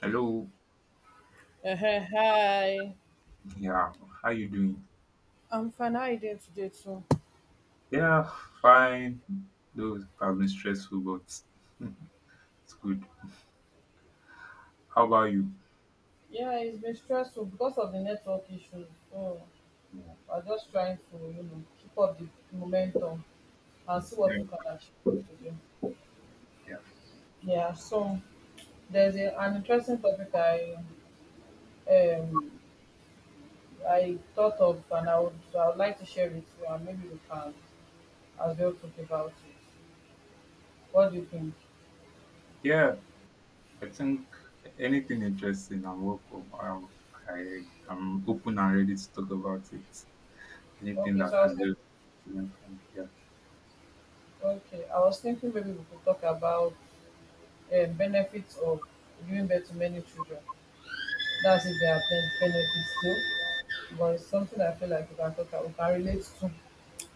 Hello. Hi. Yeah. How you doing? I'm fine. How are you doing today too? Yeah, fine. Though it has been stressful, but it's good. How about you? Yeah, it's been stressful because of the network issues. So Yeah. I'm just trying to keep up the momentum and see what we can Yeah. achieve for today. Yeah. Yeah, so there's an interesting topic um I thought of and I would like to share with you, and maybe we can as well talk about it. What do you think? Yeah, I think anything interesting, I'm welcome. I, I'm open and ready to talk about it. Anything Okay, that so I was can thinking, just learn from. Yeah. okay, I was thinking maybe we could talk about benefits of giving birth to many children. That's if there are benefits too. But it's something I feel like we can relate to.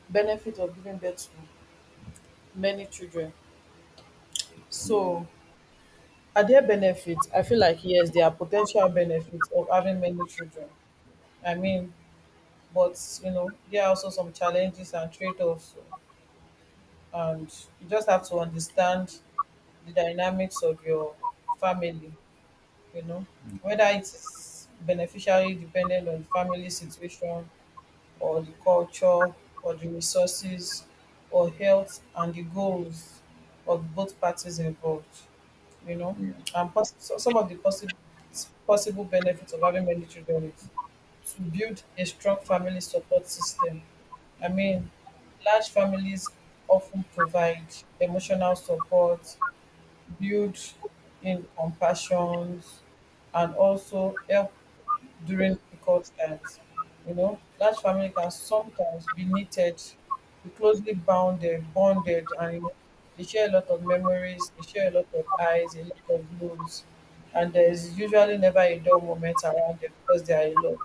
Benefit of giving birth to many children. Yeah. So are there benefits? I feel like yes, there are potential benefits of having many children. I mean, but there are also some challenges and trade-offs, and you just have to understand the dynamics of your family you know Mm. whether it is beneficially dependent on the family situation, or the culture, or the resources, or health and the goals of both parties involved you know Yeah. and so some of the possible benefits of having many children is to build a strong family support system. I mean, large families often provide emotional support, build in compassions, and also help during difficult times. You know, large family can sometimes be needed, be closely bonded, and they share a lot of memories, they share a lot of eyes, a lot of loves, and there is usually never a dull moment around them because they are a lot,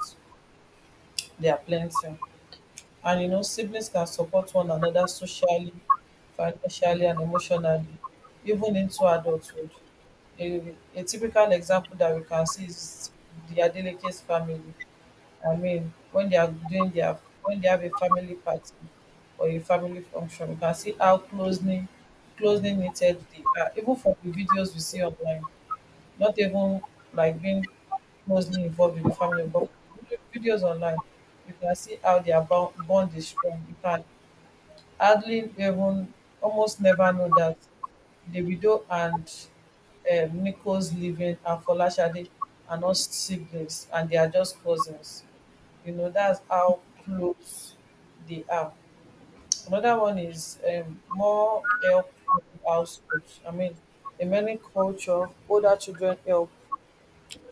they are plenty. And siblings can support one another socially, financially, and emotionally, even into adulthood. A typical example that we can see is the Adelekes family. I mean, when they are doing their, when they have a family party or a family function, you can see how closely knitted they are, even from the videos we see online, not even like being closely involved with the family. But videos online, you can see how their bond is strong. You can hardly even, almost never know that Davido and Nico's living and Folashade are not siblings and they are just cousins. You know, that's how close they are. Another one is more help in households. I mean, in many culture, older children help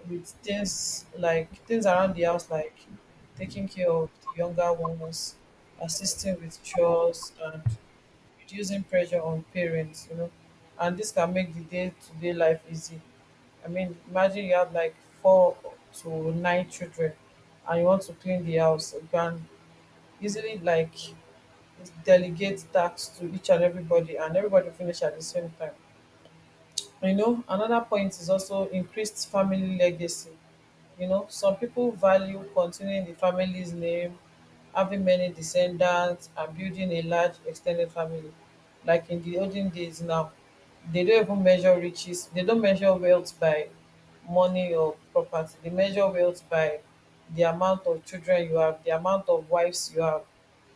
with things like things around the house, like taking care of the younger ones, assisting with chores, and reducing pressure on parents. And this can make the day to day life easy. I mean, imagine you have like four to nine children and you want to clean the house. You can easily like delegate tasks to each and everybody finish at the same time. Another point is also increased family legacy. Some people value continuing the family's name, having many descendants and building a large extended family. Like in the olden days, now they don't even measure riches, they don't measure wealth by money or property, they measure wealth by the amount of children you have, the amount of wives you have.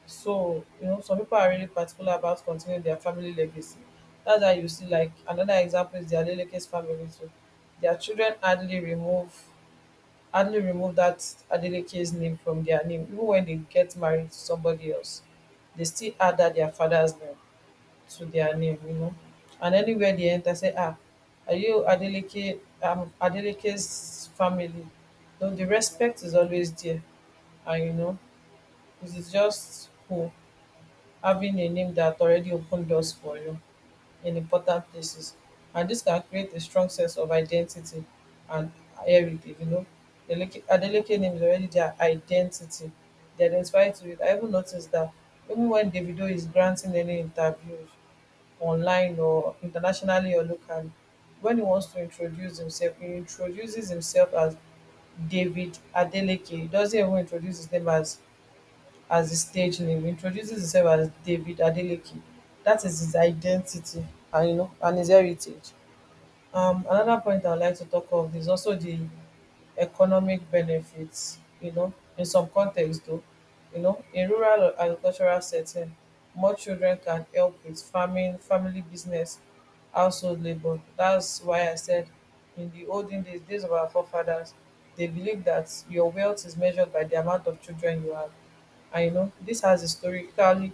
So, some people are really particular about continuing their family legacy. That's why you see, like, another example is the Adeleke's family too. Their children hardly remove that Adeleke's name from their name. Even when they get married to somebody else, they still add that their father's name to their name. And anywhere they enter, say, ah, are you Adeleke, Adeleke's family? No, the respect is always there, and it is just cool having a name that already opened doors for you in important places. And this can create a strong sense of identity and heritage. Adeleke name is already their identity. They identify to it. I even noticed that even when Davido is granting any interviews online or internationally or locally, when he wants to introduce himself, he introduces himself as David Adeleke. He doesn't even introduce his name as his stage name. He introduces himself as David Adeleke. That is his identity and you know and his heritage. Another point I would like to talk of is also the economic benefits. In some context though, in rural or agricultural setting, more children can help with farming, family business, household labor. That's why I said in the olden days, days of our forefathers, they believed that your wealth is measured by the amount of children you have. And this has historically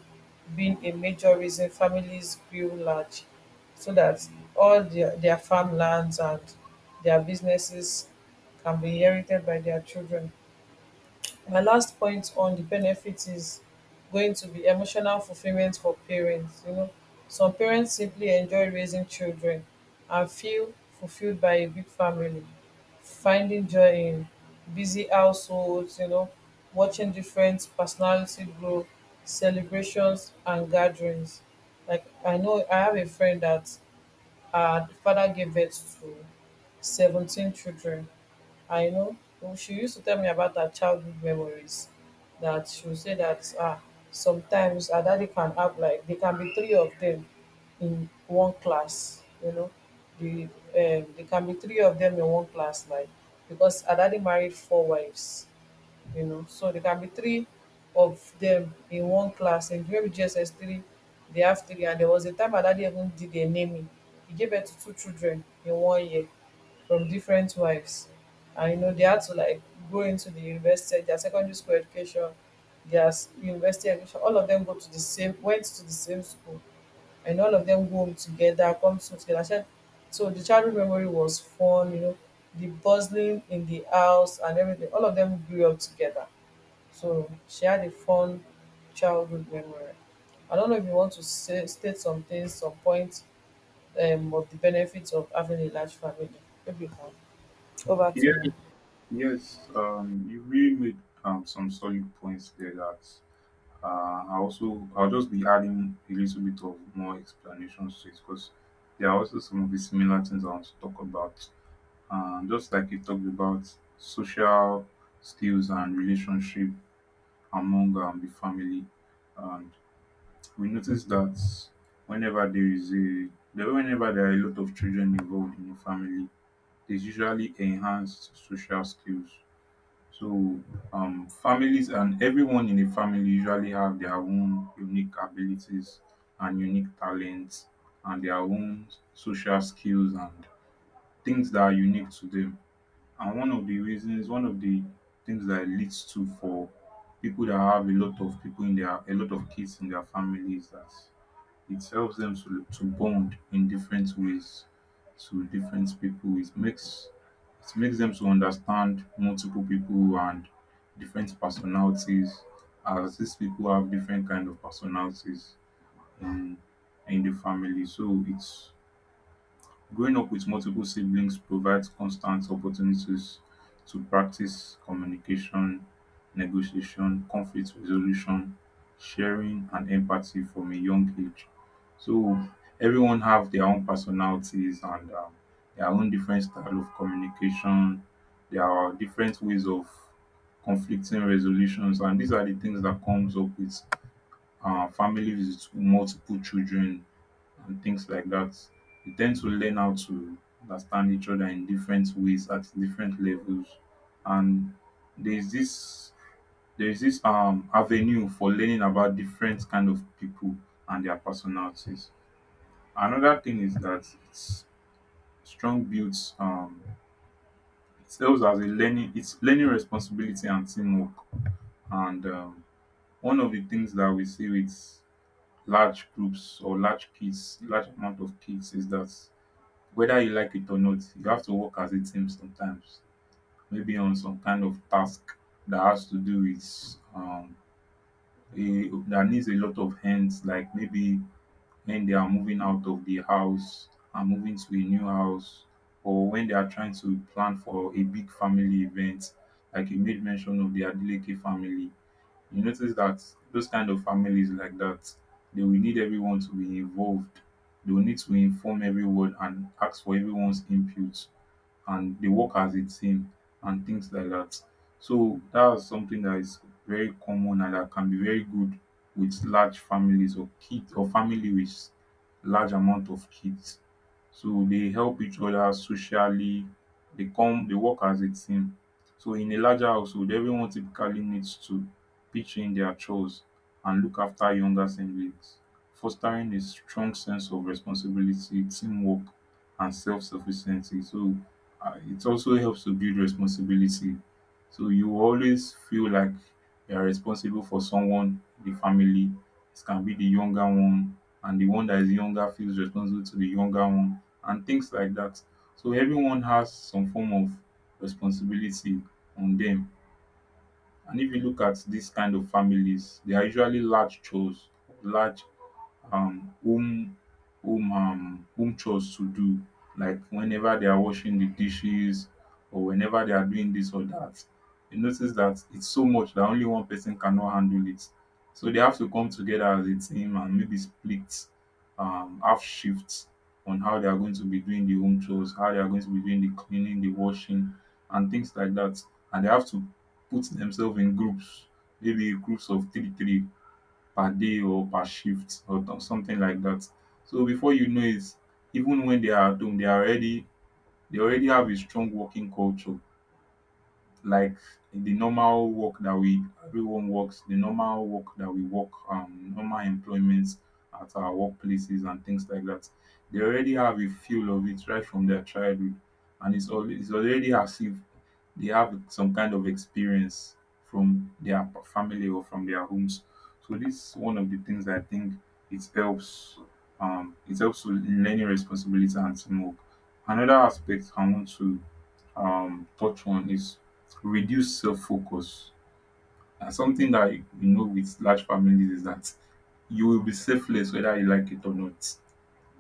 been a major reason families grew large so that all their farmlands and their businesses can be inherited by their children. My last point on the benefits is going to be emotional fulfillment for parents. You know, some parents simply enjoy raising children and feel fulfilled by a big family, finding joy in busy households, watching different personality grow, celebrations and gatherings. Like I know I have a friend that her father gave birth to 17 children. Well, she used to tell me about her childhood memories, that she would say that ah, sometimes her daddy can have like, there can be three of them in one class. The, um, there can be three of them in one class, like, because her daddy married four wives. So there can be three of them in one class. In maybe GSS three, they have three. And there was a time my daddy even did a naming. He gave birth to two children in one year from different wives. And they had to like go into the university, their secondary school education, university education, all of them go to the same went to the same school, and all of them go home together, come home together. I said, so the childhood memory was fun, the bustling in the house and everything. All of them grew up together. So she had a fun childhood memory. I don't know if you want to say, state some things, some points of the benefits of having a large family. Maybe you can. Over to Yeah. you. Yes. You really made some solid points there that I also I'll just be adding a little bit of more explanations to it because there are also some of the similar things I want to talk about. Just like you talked about social skills and relationship among the family, and we notice that whenever there is whenever there are a lot of children involved in a family, there's usually enhanced social skills, so families and everyone in a family usually have their own unique abilities and unique talents and their own social skills and things that are unique to them. And one of the reasons, one of the things that it leads to for people that have a lot of people in their, a lot of kids in their families that it helps them to bond in different ways to different people. It makes them to understand multiple people and different personalities, as these people have different kind of personalities in in the family. So it's growing up with multiple siblings provides constant opportunities to practice communication, negotiation, conflict resolution, sharing and empathy from a young age. So everyone have their own personalities and their own different style of communication. There are different ways of conflicting resolutions, and these are the things that comes up with families with multiple children and things like that. You tend to learn how to understand each other in different ways at different levels. And there's this there's this avenue for learning about different kind of people and their personalities. Another thing is that it's strong builds it serves as a learning it's learning responsibility and teamwork. And one of the things that we see with large groups or large kids, large amount of kids is that whether you like it or not, you have to work as a team sometimes, maybe on some kind of task that has to do with that needs a lot of hands, like maybe when they are moving out of the house and moving to a new house, or when they are trying to plan for a big family event, like you made mention of the Adeleke family. You notice that those kind of families like that, they will need everyone to be involved. They will need to inform everyone and ask for everyone's input, and they work as a team and things like that. So that's something that is very common and that can be very good with large families or kids or family with large amount of kids. So they help each other socially. They work as a team. So in a larger household, everyone typically needs to pitching their chores and look after younger siblings, fostering a strong sense of responsibility, teamwork, and self sufficiency. So it also helps to build responsibility. So you always feel like you are responsible for someone in the family. It can be the younger one, and the one that is younger feels responsible to the younger one, and things like that. So everyone has some form of responsibility on them. And if you look at these kind of families, they are usually large chores, large um home home chores to do, like whenever they are washing the dishes or whenever they are doing this or that, you notice that it's so much that only one person cannot handle it. So they have to come together as a team and maybe split half shifts on how they are going to be doing the home chores, how they are going to be doing the cleaning, the washing, and things like that. And they have to put themselves in groups, maybe groups of three three per day or per shift, or something like that. So before you know it, even when they are at home, they are already, they already have a strong working culture, like the normal work that we everyone works, the normal work that we work, normal employments at our workplaces and things like that. They already have a feel of it right from their childhood, and it's already as if they have some kind of experience from their family or from their homes. So this is one of the things I think it helps. It helps with learning responsibility and teamwork. Another aspect I want to touch on is reduce self focus. And something that you know with large families is that you will be selfless whether you like it or not.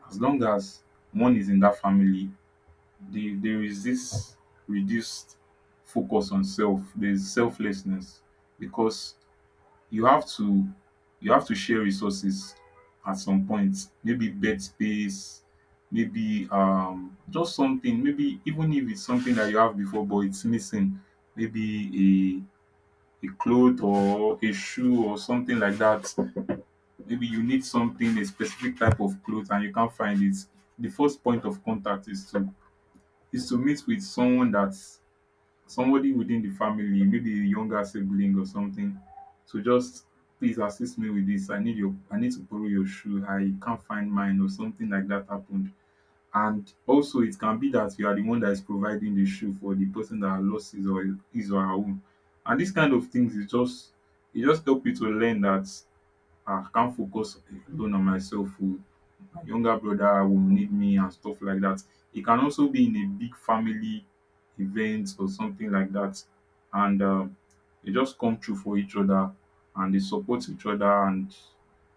As long as one is in that family, there is this reduced focus on self, there is selflessness because you have to you have to share resources at some point, maybe bed space, maybe just something, maybe even if it's something that you have before but it's missing, maybe a cloth or a shoe or something like that. Maybe you need something, a specific type of cloth, and you can't find it. The first point of contact is to meet with someone that's somebody within the family, maybe a younger sibling or something, to just please assist me with this. I need to borrow your shoe. I can't find mine, or something like that happened. And also it can be that you are the one that is providing the shoe for the person that lost his or her own. And this kind of things is just, it just help you to learn that, "Ah, I can't focus alone on myself. Oh. My younger brother will need me," and stuff like that. It can also be in a big family event or something like that. And they just come through for each other and they support each other, and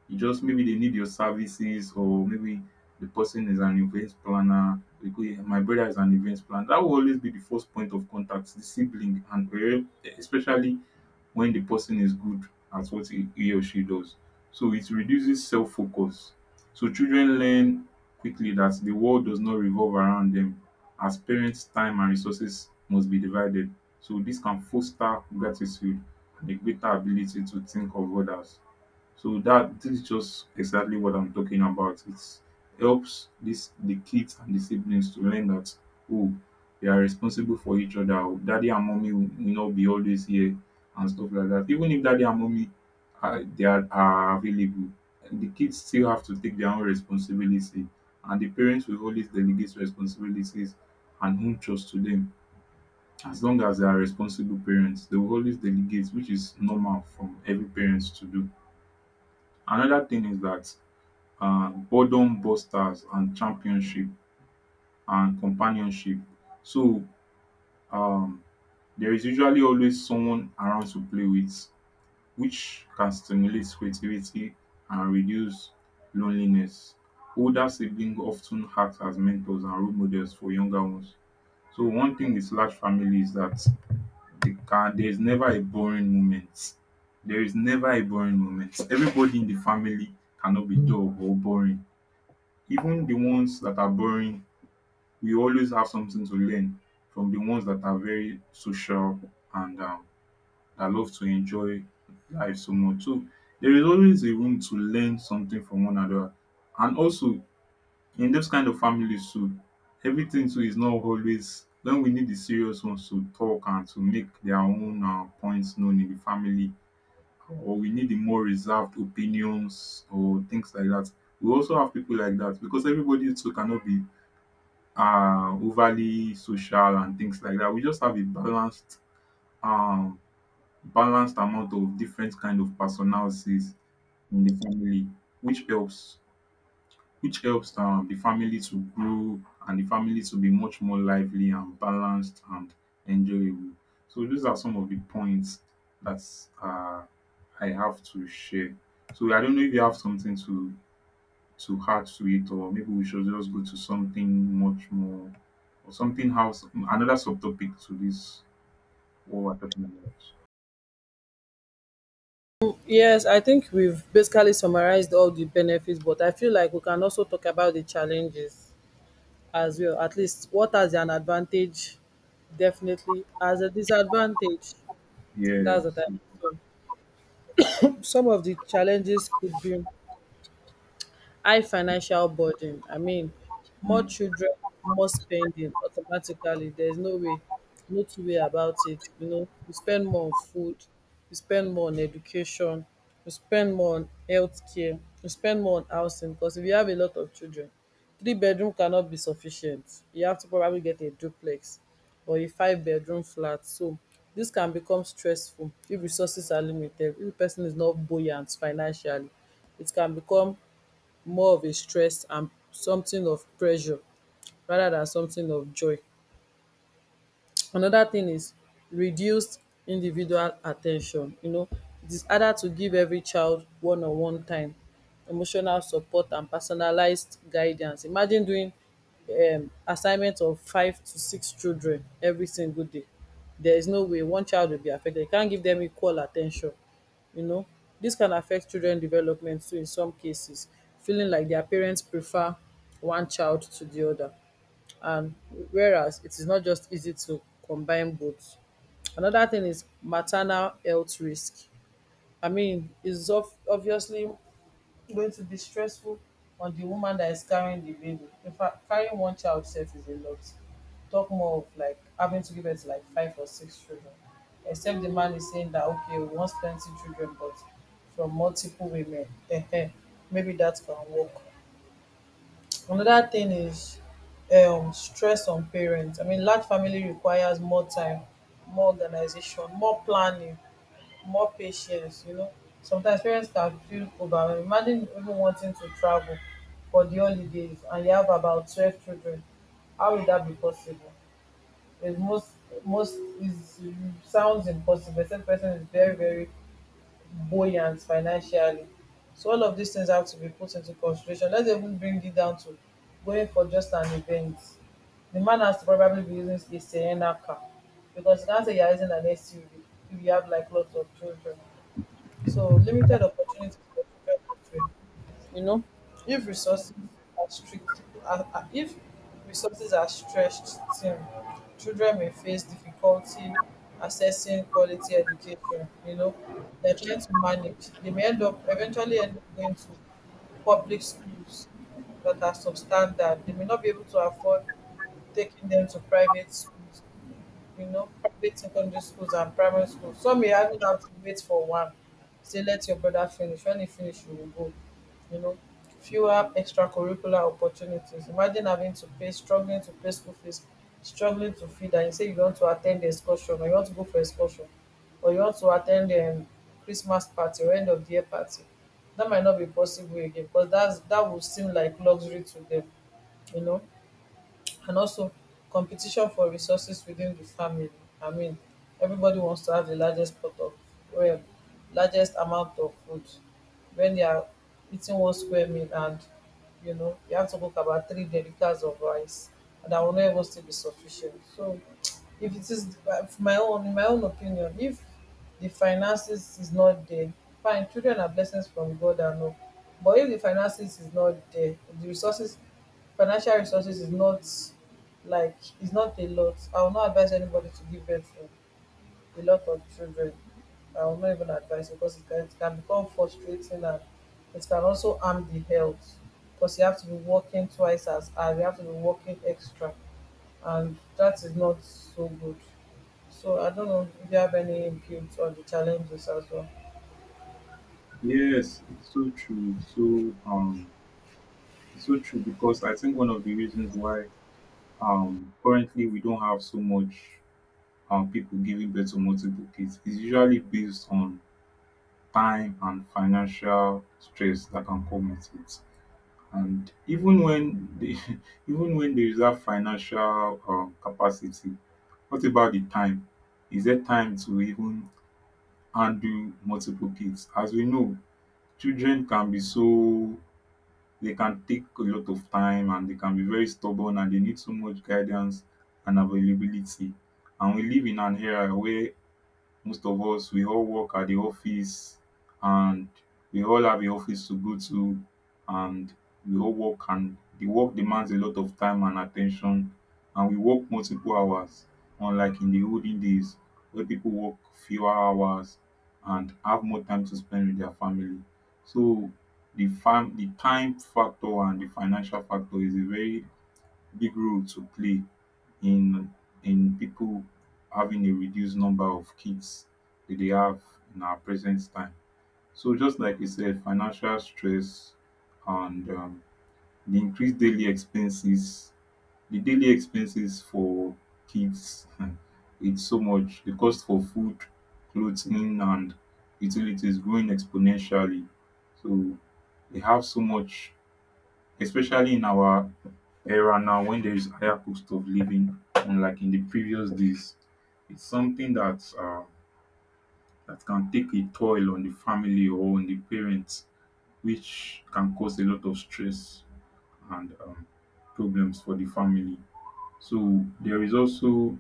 you just, maybe they need your services, or maybe the person is an event planner. They go, "Yeah, my brother is an event planner." That will always be the first point of contact, the sibling, and especially when the person is good at what he or she does. So it reduces self focus. So children learn quickly that the world does not revolve around them, as parents' time and resources must be divided. So this can foster gratitude and a greater ability to think of others. So that, this is just exactly what I'm talking about. It helps this the kids and the siblings to learn that, oh, they are responsible for each other. Oh, daddy and mommy will not be always here, and stuff like that. Even if daddy and mommy are available, the kids still have to take their own responsibility, and the parents will always delegate responsibilities and own trust to them. As long as they are responsible parents, they will always delegate, which is normal from every parents to do. Another thing is that boredom busters and championship and companionship. So um there is usually always someone around to play with, which can stimulate creativity and reduce loneliness. Older siblings often act as mentors and role models for younger ones. So one thing with large families is dat there is never a boring moment. There is never a boring moment. Everybody in the family cannot be dull or boring. Even the ones that are boring, we always have something to learn from the ones that are very social and that love to enjoy life so much. So there is always a room to learn something from one another. And also in those kind of families too, everything too is not always when we need the serious ones to talk and to make their own points known in the family, or we need the more reserved opinions or things like that. We also have people like that because everybody too cannot be overly social and things like that. We just have a balanced um balanced amount of different kind of personalities in the family, which helps, the family to grow, and the family to be much more lively and balanced and enjoyable. So those are some of the points that uh I have to share. So I don't know if you have something to too hard to it, or maybe we should just go to something much more, or something else, another subtopic to this what we're talking about. Yes, I think we've basically summarized all the benefits, but I feel like we can also talk about the challenges as well. At least what has an advantage, definitely, as a disadvantage. That's the Yes. time. So some of the challenges could be high financial burden. I mean, more Mm. children, more spending automatically. There's no way, no two-way about it. You know, you spend more on food, you spend more on education, you spend more on healthcare, you spend more on housing. Because if you have a lot of children, three-bedroom cannot be sufficient. You have to probably get a duplex or a five-bedroom flat. So this can become stressful if resources are limited. If the person is not buoyant financially, it can become more of a stress and something of pressure rather than something of joy. Another thing is reduced individual attention. You know, it is harder to give every child one on one time, emotional support and personalized guidance. Imagine doing assignment of five to six children every single day. There is no way one child will be affected. You can't give them equal attention. You know, this can affect children development too, in some cases, feeling like their parents prefer one child to the other, and whereas it is not just easy to combine both. Another thing is maternal health risk. I mean, obviously going to be stressful on the woman that is carrying the baby. In fact, carrying one child self is a lot. Talk more of like having to give birth to like five or six children. Except the man is saying that okay, we want plenty children, but from multiple women, maybe that can work. Another thing is stress on parents. I mean, large family requires more time, more organization, more planning, more patience. You know, sometimes parents can feel overwhelmed. Imagine even wanting to travel for the holidays and you have about 12 children. How will that be possible? It most most is sounds impossible except the person is very very buoyant financially. So all of these things have to be put into consideration. Let's even bring it down to going for just an event. The man has to probably be using a Sienna car because you can't say you're using an SUV if you have like lots of children. So limited opportunities for children. If resources are strict, are- if resources are stretched thin, children may face difficulty accessing quality education. You know, they're trying to manage. They may end up going to public schools that are substandard. They may not be able to afford taking them to private schools, private secondary schools and primary schools. Some may even have to wait for one. Say, let your brother finish. When he finish, you will go. You know, fewer extracurricular opportunities. Imagine having to pay, struggling to pay school fees, struggling to feed, and you say you want to attend the excursion or you want to go for excursion or you want to attend the Christmas party or end of the year party. That might not be possible again because that would seem like luxury to them. you know and also competition for resources within the family. I mean, everybody wants to have the largest pot of, well, largest amount of food when they are eating one square meal, and you know you have to cook about three delicates of rice and that will not even still be sufficient. So if it is for my own, in my own opinion, if the finances is not there, fine, children are blessings from God and all, but if the finances is not there, the resources, financial resources, is not, like is not a lot, I will not advise anybody to give birth a lot of children. I will not even advise it because it can become frustrating and it can also harm the health, because you have to be working twice as hard, you have to be working extra, and that is not so good. So I don't know if you have any input on the challenges as well. Yes, it's so true. So it's so true because I think one of the reasons why currently we don't have so much people giving birth to multiple kids is usually based on time and financial stress that can come with it. And even when they even when there is that financial capacity, what about the time? Is there time to even handle multiple kids? As we know, children can be so they can take a lot of time and they can be very stubborn and they need so much guidance and availability. And we live in an era where most of us we all work at the office and we all have a office to go to and we all work and the work demands a lot of time and attention and we work multiple hours, unlike in the olden days where people work fewer hours and have more time to spend with their family. So the time factor and the financial factor is a very big role to play in in people having a reduced number of kids that they have in our present time. So just like you said, financial stress and the increased daily expenses, the daily expenses for kids, it's so much. The cost for food, clothing, and utilities growing exponentially. So they have so much, especially in our era now when there is a higher cost of living, unlike in the previous days. It's something that that can take a toll on the family or on the parents, which can cause a lot of stress and problems for the family. So there is also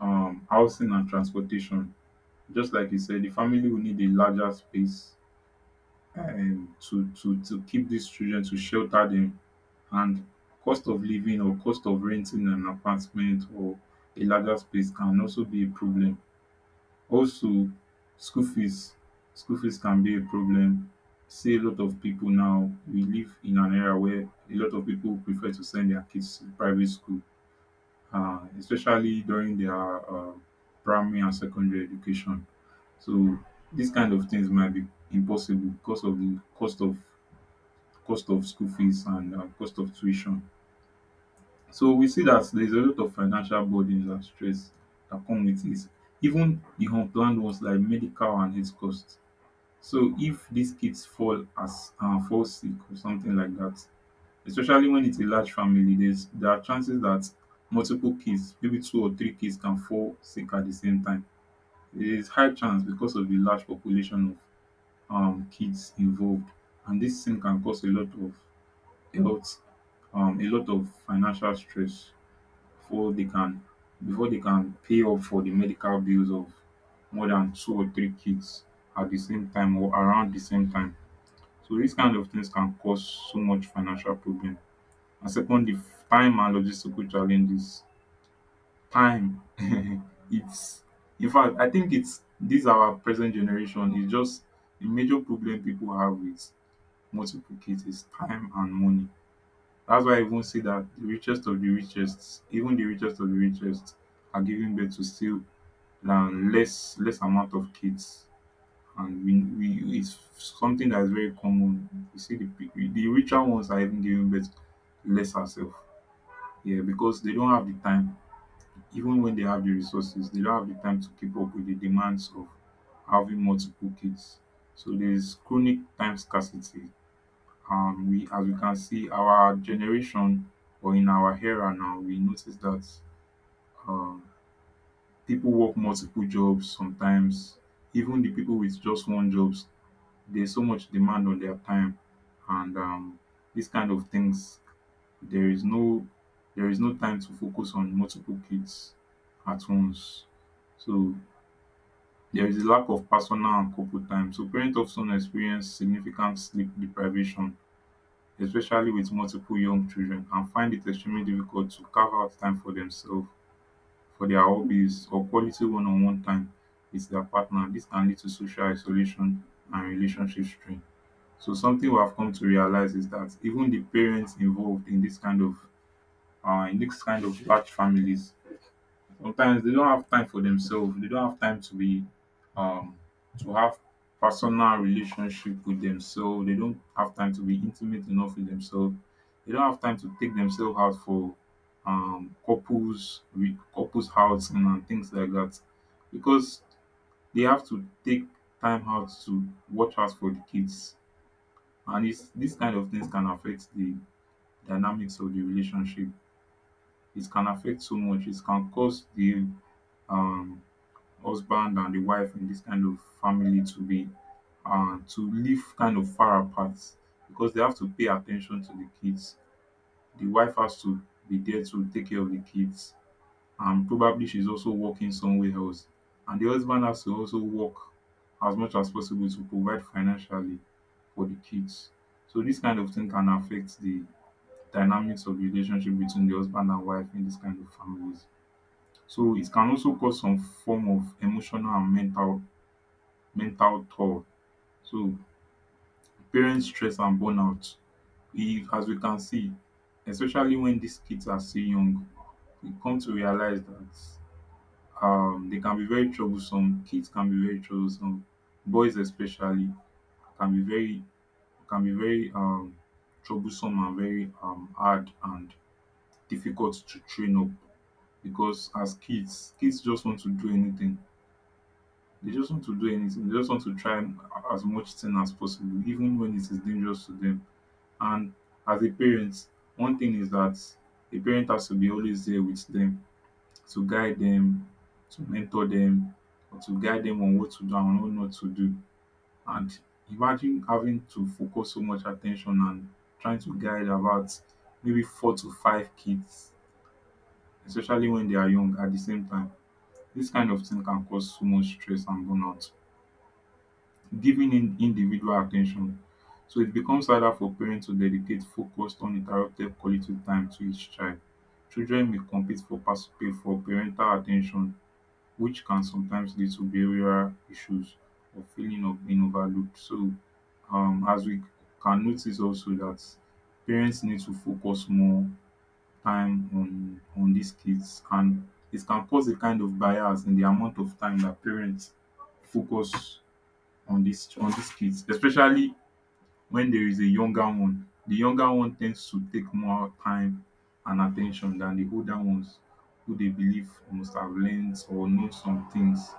housing and transportation. Just like you said, the family will need a larger space, to to keep these children, to shelter them. And cost of living or cost of renting an apartment or a larger space can also be a problem. Also, school fees school fees can be a problem. See, a lot of people now, we live in an era where a lot of people prefer to send their kids to private school, especially during their uh, primary and secondary education. So these kind of things might be impossible because of the cost of school fees and cost of tuition. So we see that there's a lot of financial burdens and stress that come with this. Even the unplanned ones like medical and health costs. So if these kids fall as fall sick or something like that, especially when it's a large family, there are chances that multiple kids, maybe two or three kids, can fall sick at the same time. There is high chance because of the large population of kids involved, and this thing can cause a lot of health, a lot of financial stress before they can before they can pay up for the medical bills of more than two or three kids at the same time or around the same time. So dis kind of things can cause so much financial problem. And secondly, time and logistical challenges. Time. Its in fact I think its this our present generation is just a major problem people have wit multiple kids is time and money. That's why I even say that the richest of the richest, even the richest of the richest, are giving birth to still than less amount of kids, and we it's something that is very common. You see, the richer ones are even giving birth less herself. Yeah, because they don't have the time. Even when they have the resources, they don't have the time to keep up with the demands of having multiple kids. So there's chronic time scarcity. We, as we can see our generation, or in our era now, we notice that um people work multiple jobs sometimes. Even the people with just one jobs, there's so much demand on their time, and these kind of things, there is no there is no time to focus on multiple kids at once. So there is a lack of personal and couple time. So parents often experience significant sleep deprivation, especially with multiple young children, and find it extremely difficult to carve out time for themselves, for their hobbies or quality one-on-one time with their partner. This can lead to social isolation and relationship strain. So something we have come to realise is that even the parents involved in this kind of in this kind of large families, sometimes they don't have time for themselves. They don't have time to be um to have personal relationship with themselves. They don't have time to be intimate enough with themselves. They don't have time to take themselves out for couples housing and things like that, because they have to take time out to watch out for the kids. And it's this kind of things can affect the dynamics of the relationship. It can affect so much. It can cause the um husband and the wife in this kind of family to be to live kind of far apart, because they have to pay attention to the kids. The wife has to be there to take care of the kids, and probably she's also working somewhere else. And the husband has to also work as much as possible to provide financially for the kids. So this kind of thing can affect the dynamics of the relationship between the husband and wife in this kind of families. So it can also cause some form of emotional and mental toll. So parent stress and burnout, if as we can see, especially when these kids are still young, we come to realize that they can be very troublesome. Kids can be very troublesome. Boys especially can be very can be very um, troublesome and very hard and difficult to train up, because as kids, kids just want to do anything. They just want to do anything. They just want to try as much thing as possible, even when it is dangerous to them. And as a parent, one thing is that a parent has to be always there with them to guide them, to mentor them, or to guide them on what to do and what not to do. And imagine having to focus so much attention and trying to guide about maybe four to five kids, especially when they are young at the same time. This kind of thing can cause so much stress and burnout. Giving in individual attention, so it becomes harder for parents to dedicate focused uninterrupted quality time to each child. Children may compete for participate for parental attention, which can sometimes lead to behavioral issues or feeling of being overlooked. So as we can notice also that parents need to focus more time on these kids, and it can cause a kind of bias in the amount of time that parents focus on these kids, especially when there is a younger one. The younger one tends to take more time and attention than the older ones, who they believe must have learned or know some things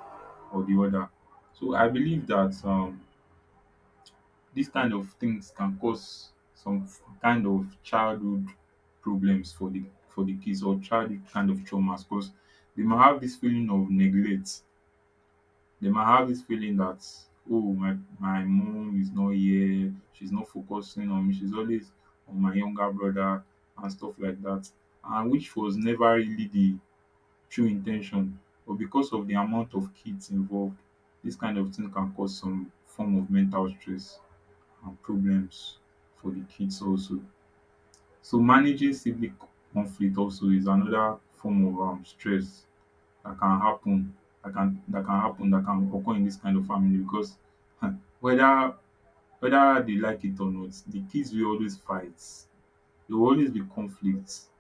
or the other. So I believe that dis kind of things can cause kind of childhood problems for the kids, or childhood kind of traumas, cause they might have this feeling of neglect. They might have this feeling that, oh, my mom is not here, she's not focusing on me, she's always on my younger brother and stuff like that. And which was never really the true intention. But because of the amount of kids involved, this kind of thing can cause some form of mental stress and problems for the kids also. So managing sibling conflict also is another form of stress that can happen, that can happen that can occur in this kind of family, because whether whether they like it or not, the kids will always fight. There will always be conflicts.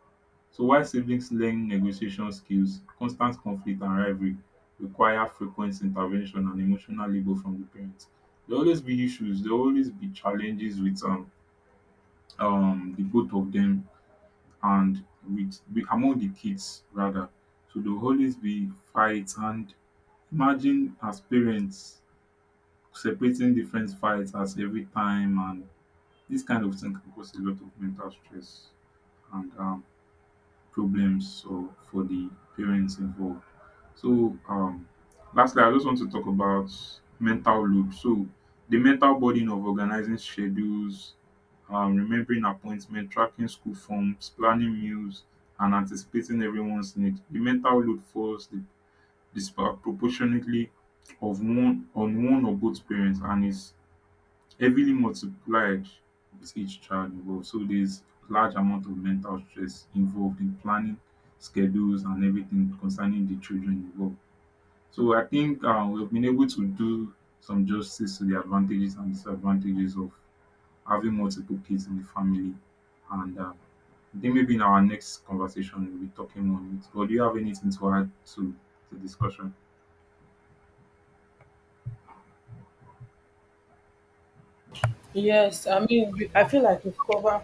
So while siblings learn negotiation skills, constant conflict and rivalry require frequent intervention and emotional labor from the parents. There will always be issues, there will always be challenges with the both of them, and with among the kids rather. So there will always be fights, and imagine as parents separating different fights as every time, and this kind of thing can cause a lot of mental stress and problems so, for the parents involved. So, lastly, I just want to talk about mental load. So, the mental burden of organizing schedules, remembering appointments, tracking school forms, planning meals, and anticipating everyone's needs. The mental load falls the disproportionately, of one on one or both parents, and is heavily multiplied with each child involved. So there's large amount of mental stress involved in planning schedules and everything concerning the children involved. So I think we've been able to do some justice to the advantages and disadvantages of having multiple kids in the family, and I think maybe in our next conversation we'll be talking on it. But do you have anything to add to the discussion? Yes, I mean, I feel like we've covered.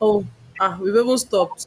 Oh, ah, we've even stopped.